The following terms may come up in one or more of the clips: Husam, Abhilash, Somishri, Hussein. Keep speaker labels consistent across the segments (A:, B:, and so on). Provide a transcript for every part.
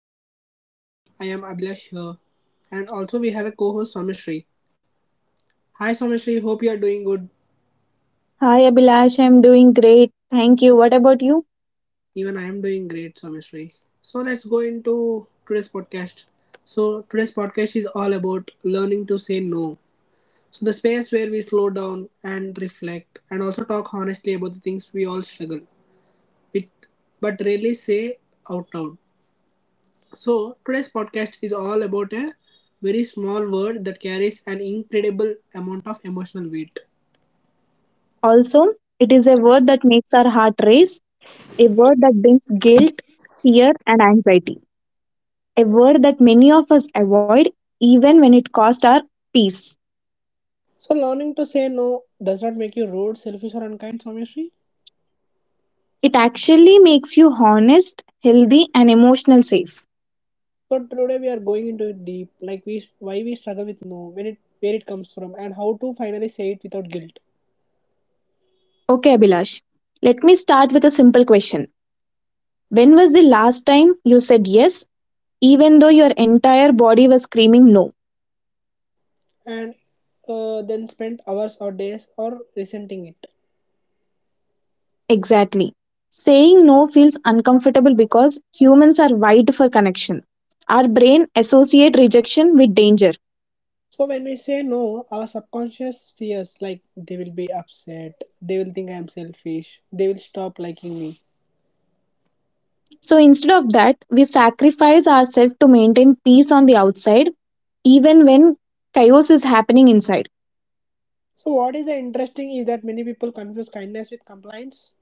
A: welcome to our podcast. I am Abhilash here, and also we have a co-host Somishri. Hi Somishri, hope you are doing good.
B: Hi Abhilash, I'm doing great. Thank you. What about you?
A: Even I am doing great, Somishri. So let's go into today's podcast. So today's podcast is all about learning to say no. So the space where we slow down and reflect, and also talk honestly about the things we all struggle with, but rarely say out loud. So, today's podcast is all about a very small word that carries an incredible amount of emotional weight.
B: Also, it is a word that makes our heart race, a word that brings guilt, fear, and anxiety, a word that many of us avoid even when it costs our peace.
A: So, learning to say no does not make you rude, selfish, or unkind, Someshri.
B: It actually makes you honest, healthy, and emotional safe.
A: So, today we are going into it deep, like we why we struggle with no, when it where it comes from, and how to finally say it without guilt,
B: Okay, Abhilash, let me start with a simple question. When was the last time you said yes, even though your entire body was screaming no?
A: and then spend hours or days or resenting it.
B: Exactly. Saying no feels uncomfortable because humans are wired for connection. Our brain associate rejection with danger.
A: So when we say no, our subconscious fears like they will be upset, they will think I am selfish, they will stop liking me.
B: So instead of that, we sacrifice ourselves to maintain peace on the outside even when chaos is happening inside.
A: So what is interesting is that many people confuse kindness with compliance.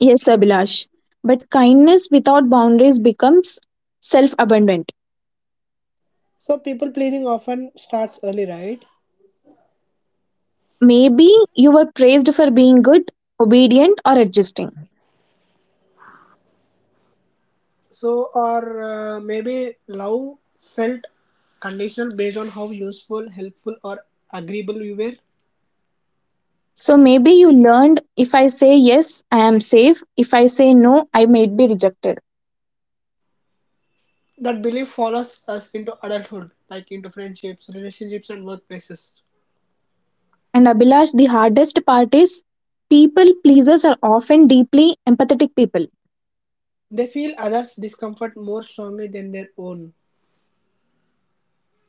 B: Yes, Abhilash. But kindness without boundaries becomes self-abundant.
A: So people pleasing often starts early, right?
B: Maybe you were praised for being good, obedient or adjusting.
A: So or maybe love felt conditional based on how useful, helpful, or agreeable we were.
B: So maybe you learned if I say yes, I am safe. If I say no, I might be rejected.
A: That belief follows us into adulthood, like into friendships, relationships, and workplaces.
B: And Abhilash, the hardest part is people pleasers are often deeply empathetic people.
A: They feel others' discomfort more strongly than their own.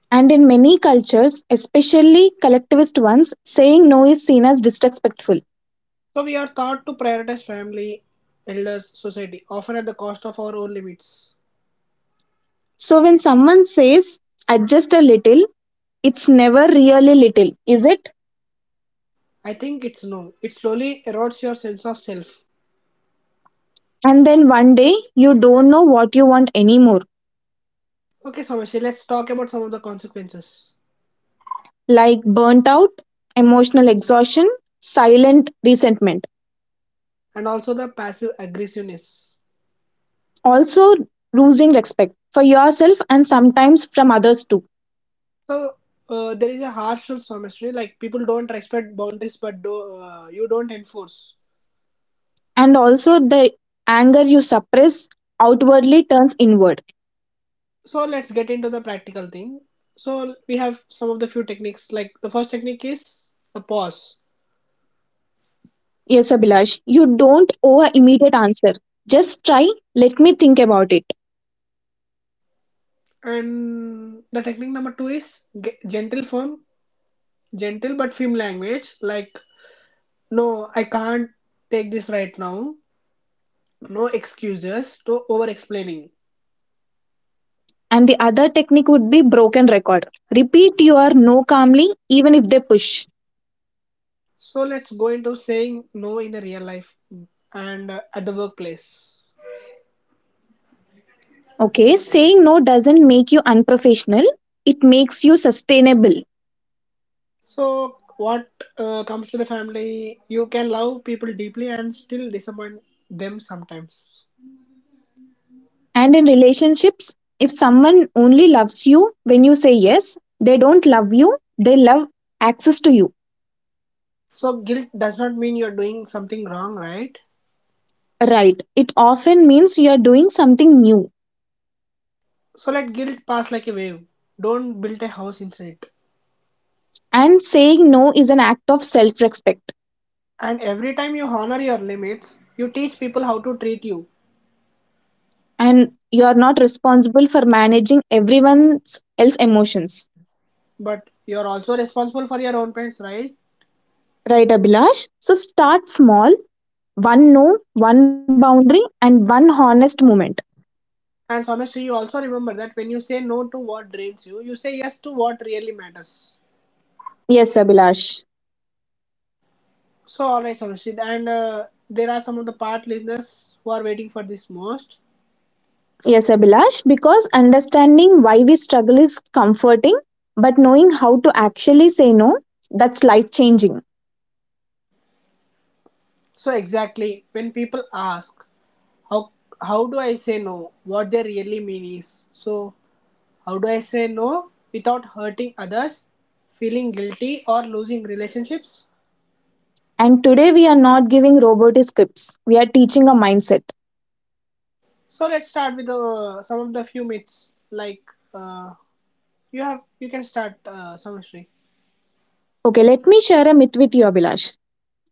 B: And in many cultures, especially collectivist ones, saying no is seen as disrespectful.
A: So we are taught to prioritize family, elders, society, often at the cost of our own limits.
B: So when someone says adjust a little, it's never really little, is it?
A: I think it's no. It slowly erodes your sense of self.
B: And then one day you don't know what you want anymore,
A: Okay, Somesh, let's talk about some of the consequences
B: like burnt out, emotional exhaustion, silent resentment.
A: and also the passive aggressiveness.
B: Also losing respect for yourself and sometimes from others too.
A: So there is a harsh truth, Somesh, like people don't respect boundaries but you don't enforce.
B: And also, the anger you suppress outwardly turns inward.
A: So, let's get into the practical thing. So, we have some of the few techniques. Like, the first technique is a pause,
B: Yes, Abhilash, you don't owe an immediate answer. Just try, let me think about it.
A: and the technique number two is gentle, gentle but firm language, like, no, I can't take this right now. No excuses, no over explaining.
B: And the other technique would be broken record. Repeat your no calmly, even if they push.
A: So let's go into saying no in the real life and at the workplace.
B: Okay, saying no doesn't make you unprofessional, it makes you sustainable.
A: So, what comes to the family, you can love people deeply and still disappoint them sometimes.
B: And in relationships, if someone only loves you when you say yes, they don't love you, they love access to you.
A: So, guilt does not mean you're doing something wrong, right?
B: Right. It often means you are doing something new.
A: So, let guilt pass like a wave. Don't build a house inside it.
B: And saying no is an act of self respect.
A: And every time you honor your limits, you teach people how to treat you.
B: And you are not responsible for managing everyone else's emotions.
A: But you're also responsible for your own parents, right?
B: Right, Abhilash? So start small one no, one boundary, and one honest moment.
A: And Somesh, you also remember that when you say no to what drains you, you say yes to what really matters.
B: Yes, Abhilash.
A: So, alright, Somesh, and there are some of the part listeners who are waiting for this most.
B: Yes, Abhilash, because understanding why we struggle is comforting, but knowing how to actually say no, that's life changing.
A: So, exactly when people ask, how how do I say no? What they really mean is, so how do I say no without hurting others, feeling guilty, or losing relationships?
B: And today we are not giving robot scripts, we are teaching a mindset.
A: So, let's start with some of the few myths. Like uh, you can start, Somesh.
B: Okay, let me share a myth with you, Abhilash.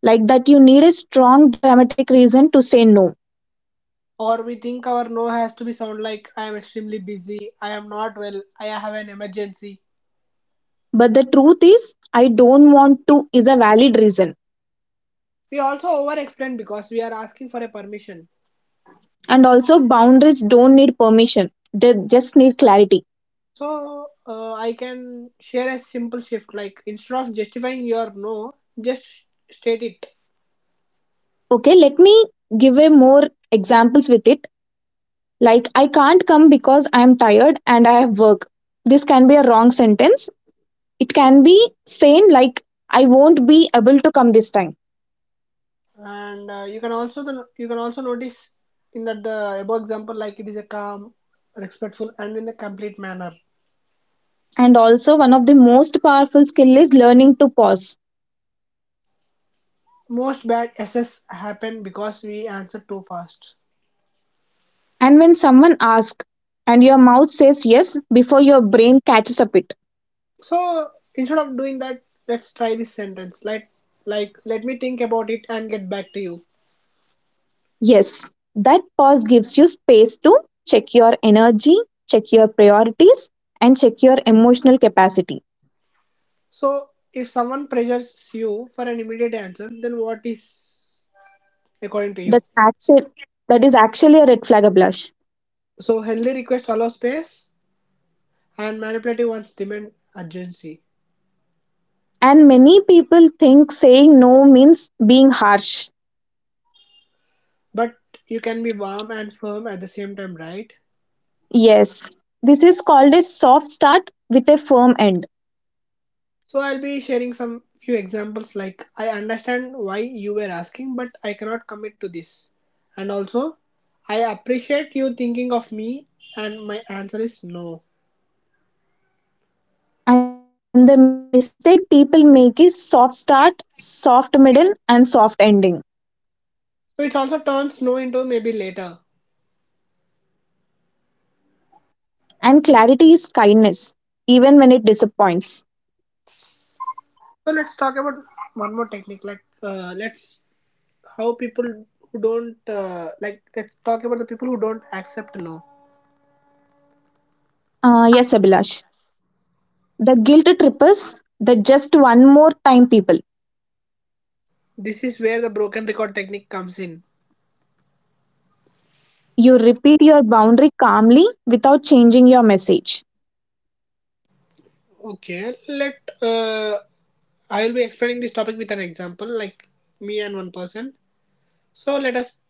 B: Like that, you need a strong dramatic reason to say no.
A: Or we think our no has to be sound like I am extremely busy, I am not well, I have an emergency.
B: But the truth is, I don't want to is a valid reason.
A: We also over explain because we are asking for a permission.
B: And also, boundaries don't need permission, they just need clarity.
A: So I can share a simple shift like instead of justifying your no, just state it.
B: Okay, let me give a more examples with it, like I can't come because I'm tired and I have work, this can be a wrong sentence. It can be saying like I won't be able to come this time.
A: And you can also you can also notice in that the above example like it is a calm, respectful, and in a complete manner.
B: And also, one of the most powerful skill is learning to pause.
A: Most bad SS happen because we answer too fast.
B: And when someone asks and your mouth says yes before your brain catches up it.
A: So instead of doing that, let's try this sentence. Like let me think about it and get back to you.
B: Yes, that pause gives you space to check your energy, check your priorities, and check your emotional capacity.
A: So if someone pressures you for an immediate answer, then what is according to you?
B: that's actually that is actually a red flag ablash.
A: So healthy request allow space and manipulative ones demand urgency.
B: And many people think saying no means being harsh.
A: But you can be warm and firm at the same time, right?
B: Yes, this is called a soft start with a firm end.
A: So I'll be sharing some few examples like I understand why you were asking but I cannot commit to this. And also I appreciate you thinking of me and my answer is no.
B: And the mistake people make is soft start, soft middle, and soft ending.
A: So it also turns no into maybe later.
B: And clarity is kindness, even when it disappoints.
A: So let's talk about one more technique like let's how people who don't like let's talk about the people who don't accept no.
B: Yes, Abhilash. The guilt trip is the just one more time people.
A: This is where the broken record technique comes in.
B: You repeat your boundary calmly without changing your message.
A: Okay, let I will be explaining this topic with an example, like me and one person. So let us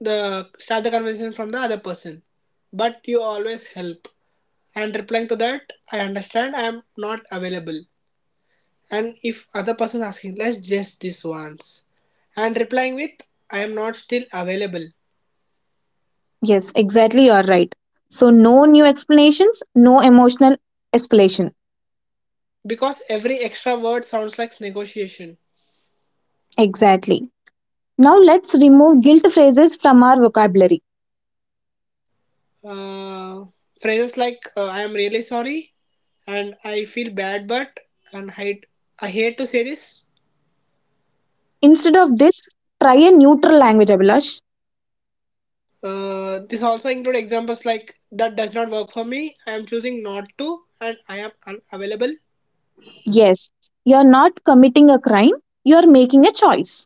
A: the start the conversation from the other person. But you always help. And replying to that, I understand I am not available. And if other person is asking, let's just this once. And replying with, I am not still available.
B: Yes, exactly. You're right. So, no new explanations, no emotional escalation.
A: Because every extra word sounds like negotiation.
B: Exactly. Now, let's remove guilt phrases from our vocabulary.
A: Uh, phrases like, I am really sorry, and I feel bad, but and I hate to say this.
B: Instead of this, try a neutral language, Abhilash.
A: This also include examples like that does not work for me. I am choosing not to, and I am unavailable.
B: Yes, you're not committing a crime, you're making a choice.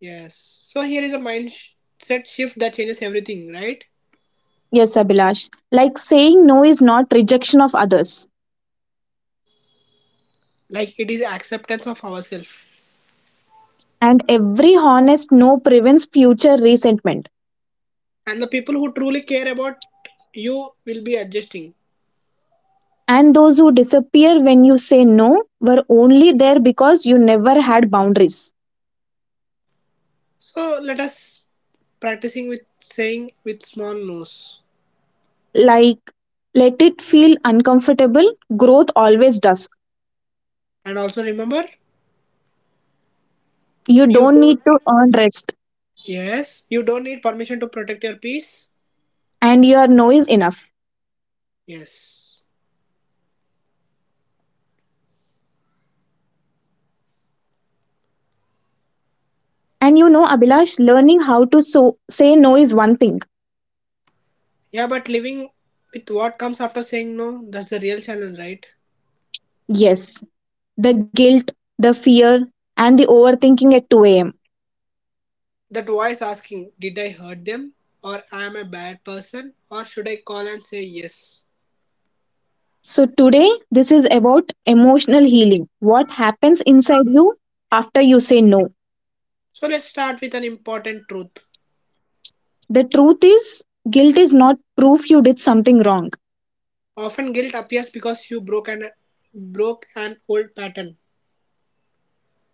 A: Yes. So here is a mindset shift that changes everything, right?
B: Yes, Abhilash. Like saying no is not rejection of others.
A: Like it is acceptance of ourselves,
B: And every honest no prevents future resentment.
A: and the people who truly care about you will be adjusting.
B: And those who disappear when you say no were only there because you never had boundaries.
A: So let us practicing with saying with small no's,
B: Like, let it feel uncomfortable. Growth always does.
A: and also remember
B: You
A: you
B: don't need
A: don't.
B: to earn rest.
A: Yes, you don't need permission to protect your peace.
B: And your no is enough.
A: Yes.
B: And you know, abhilash, learning how to so say no is one thing.
A: Yeah, but living with what comes after saying no, that's the real challenge, right?
B: Yes, the guilt, the fear, and the overthinking at 2 a.m.
A: That voice asking, did I hurt them? Or am I a bad person? Or should I call and say yes?
B: So today this is about emotional healing, what happens inside you after you say no.
A: So let's start with an important truth.
B: The truth is guilt is not proof you did something wrong.
A: Often guilt appears because you broke an old pattern.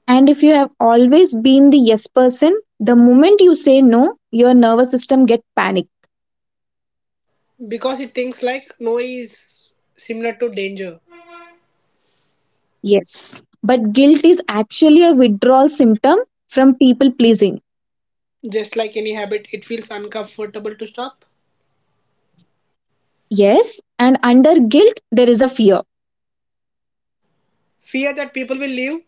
B: And if you have always been the yes person, the moment you say no, your nervous system get panic.
A: Because it thinks like no is similar to danger.
B: Yes. But guilt is actually a withdrawal symptom from people pleasing.
A: Just like any habit, it feels uncomfortable to stop.
B: Yes. And under guilt, there is a fear.
A: Fear that people will leave.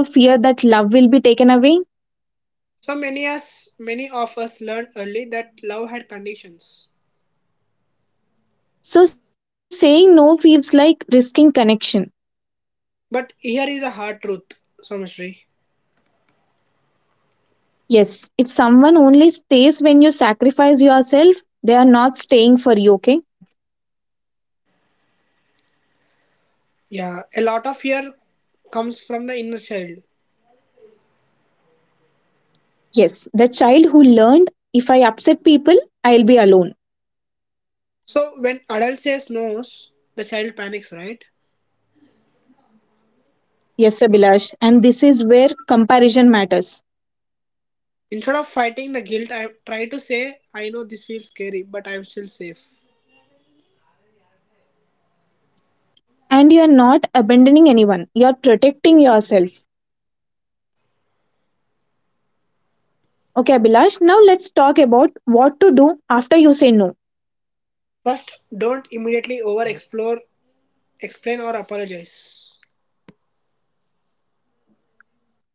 B: Also, fear that love will be taken away.
A: So many as many of us learned early that love had conditions.
B: So, saying no feels like risking connection.
A: But here is a hard truth, Somishri.
B: Yes. If someone only stays when you sacrifice yourself, they are not staying for you, okay?
A: Yeah, a lot of fear comes from the inner child.
B: Yes. The child who learned if I upset people, I'll be alone.
A: So when adult says no, the child panics, right?
B: Yes, Abhilash, and this is where comparison matters.
A: Instead of fighting the guilt, I try to say, I know this feels scary, but I'm still safe.
B: And you're not abandoning anyone, you're protecting yourself. Okay, Abhilash, now let's talk about what to do after you say no,
A: First, don't immediately explain, or apologize.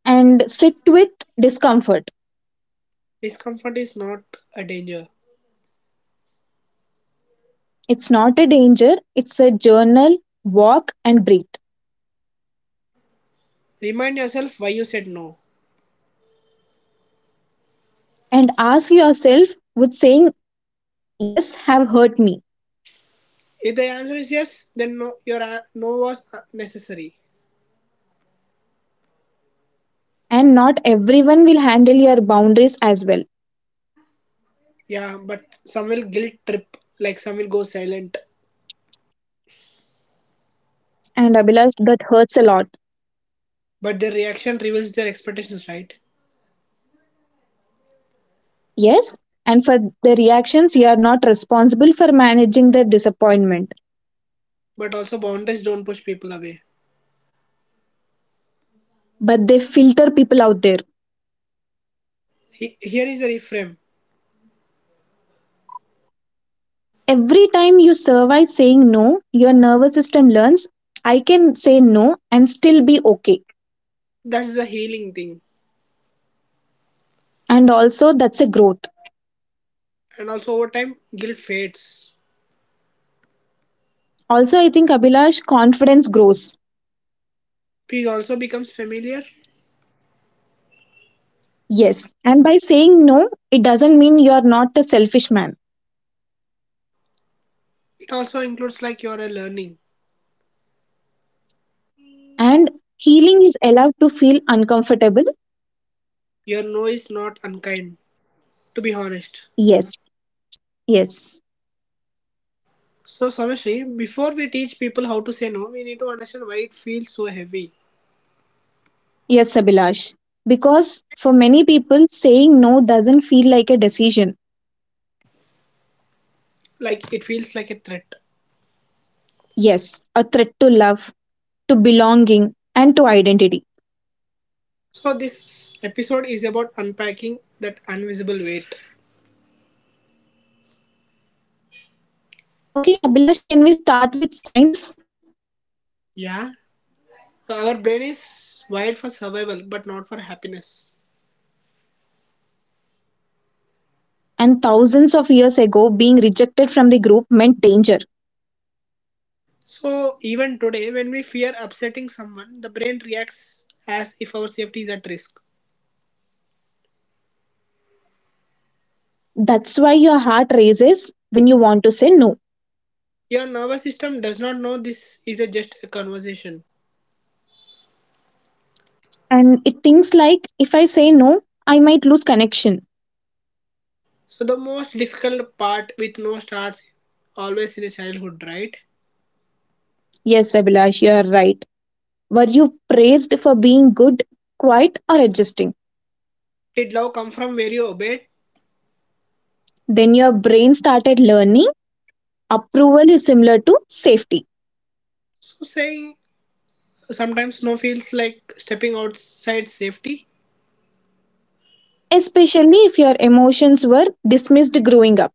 B: and sit with discomfort.
A: Discomfort is not a danger.
B: It's not a danger, it's a journal, walk and breathe.
A: Remind yourself why you said no.
B: And ask yourself with saying, yes, have hurt me.
A: If the answer is yes, then no, your no was necessary.
B: And not everyone will handle your boundaries as well.
A: Yeah, but some will guilt trip, like some will go silent.
B: And Abhilash, that hurts a lot.
A: But their reaction reveals their expectations, right?
B: Yes, and for the reactions, you are not responsible for managing their disappointment,
A: But also boundaries don't push people away.
B: but they filter people out there.
A: Here is a reframe.
B: Every time you survive saying no, your nervous system learns I can say no and still be okay.
A: That's the healing thing.
B: And also, that's a growth.
A: And also over time, guilt fades.
B: Also, I think Abhilash, confidence grows.
A: Peace also becomes familiar.
B: Yes. And by saying no, it doesn't mean you are not a selfish man.
A: It also includes like you're a learning.
B: And healing is allowed to feel uncomfortable.
A: Your no is not unkind, to be honest.
B: Yes. Yes.
A: So Samashri, before we teach people how to say no, we need to understand why it feels so heavy.
B: Yes, Abhilash. Because for many people, saying no doesn't feel like a decision.
A: Like it feels like a threat.
B: Yes, a threat to love, to belonging, and to identity.
A: So this episode is about unpacking that invisible weight.
B: Okay, Abhilash, can we start with science?
A: Yeah, our brain is wired for survival but not for happiness.
B: And thousands of years ago, being rejected from the group meant danger.
A: So even today when we fear upsetting someone, the brain reacts as if our safety is at risk.
B: That's why your heart raises when you want to say no.
A: Your nervous system does not know this is a just a conversation.
B: And it thinks like, if I say no, I might lose connection.
A: So the most difficult part with no starts always in a childhood, right?
B: Yes, Abhilash, you are right. Were you praised for being good, quiet, or adjusting?
A: Did love come from where you obeyed?
B: Then your brain started learning approval is similar to safety,
A: So saying sometimes snow feels like stepping outside safety.
B: especially if your emotions were dismissed growing up.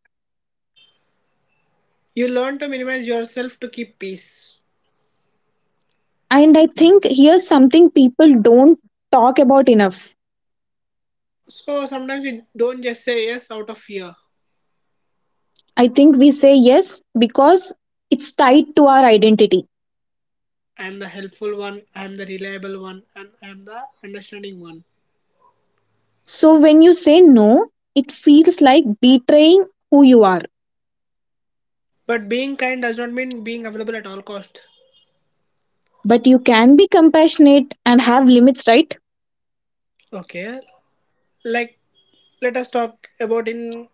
A: You learn to minimize yourself to keep peace.
B: And I think here's something people don't talk about enough.
A: So sometimes we don't just say yes out of fear.
B: I think we say yes because it's tied to our identity.
A: I am the helpful one, I am the reliable one, and I am the understanding one.
B: So when you say no, it feels like betraying who you are.
A: But being kind does not mean being available at all cost.
B: But you can be compassionate and have limits, right?
A: Okay, like let us talk about in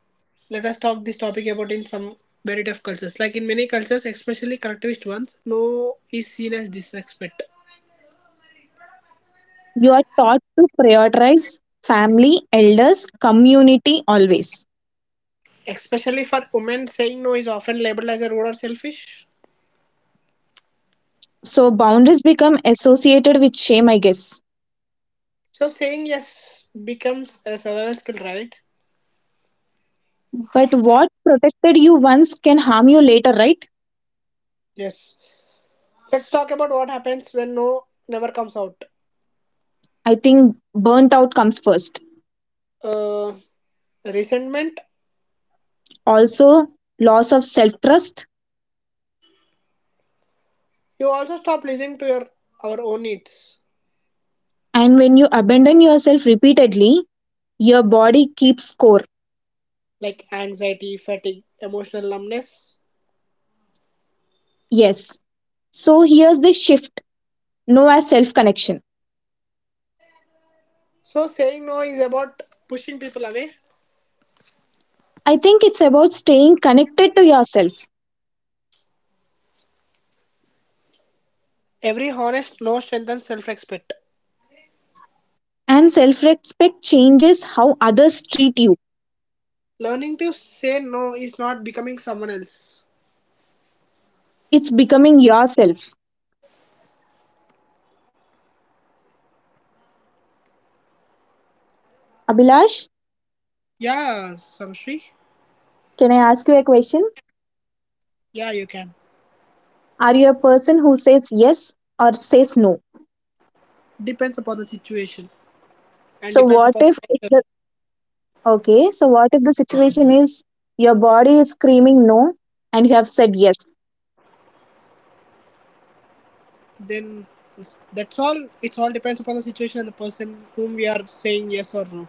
A: let us talk this topic about in some variety of cultures. Like in many cultures, especially collectivist ones, no is seen as disrespect.
B: You are taught to prioritize family, elders, community always.
A: Especially for women, saying no is often labeled as a rude or selfish.
B: So boundaries become associated with shame, I guess.
A: So saying yes becomes a survival skill, right?
B: But what protected you once can harm you later, right?
A: Yes. Let's talk about what happens when no never comes out.
B: I think burnt out comes first.
A: Uh, resentment.
B: Also, loss of self trust.
A: You also stop listening to your our own needs,
B: And when you abandon yourself repeatedly, your body keeps score.
A: like anxiety, fatigue, emotional numbness.
B: Yes. So here's the shift no as self connection.
A: So saying no is about pushing people away.
B: I think it's about staying connected to yourself,
A: Every honest no strengthens self-respect.
B: and self respect changes how others treat you.
A: Learning to say no is not becoming someone else.
B: It's becoming yourself. Abhilash,
A: Yeah, Samshri.
B: can I ask you a question?
A: Yeah, you can.
B: Are you a person who says yes or says no?
A: Depends upon the situation and
B: So
A: depends
B: what
A: upon
B: if okay? So what if the situation is your body is screaming no and you have said yes?
A: then that's all. It's all depends upon the situation and the person whom we are saying yes or no.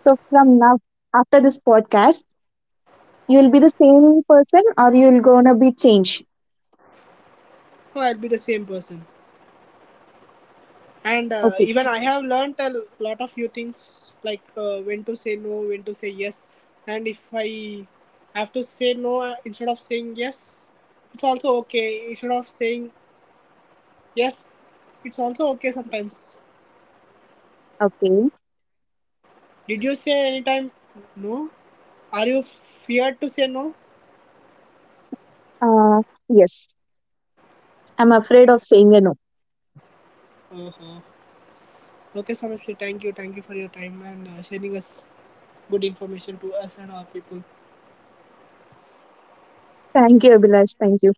B: So from now, after this podcast, you will be the same person or you will gonna be changed.
A: No, I'll be the same person. And
B: Okay,
A: even I have learned a lot of few things like when to say no, when to say yes, and if I have to say no instead of saying yes, it's also okay. Instead of saying yes, it's also okay sometimes.
B: okay.
A: Did you say anytime no? Are you feared to say no?
B: Uh, yes, I'm afraid of saying a no.
A: Uh-huh. Okay, Samishri, thank you. Thank you for your time and sharing us good information to us and our people.
B: Thank you, Abhilash. Thank you.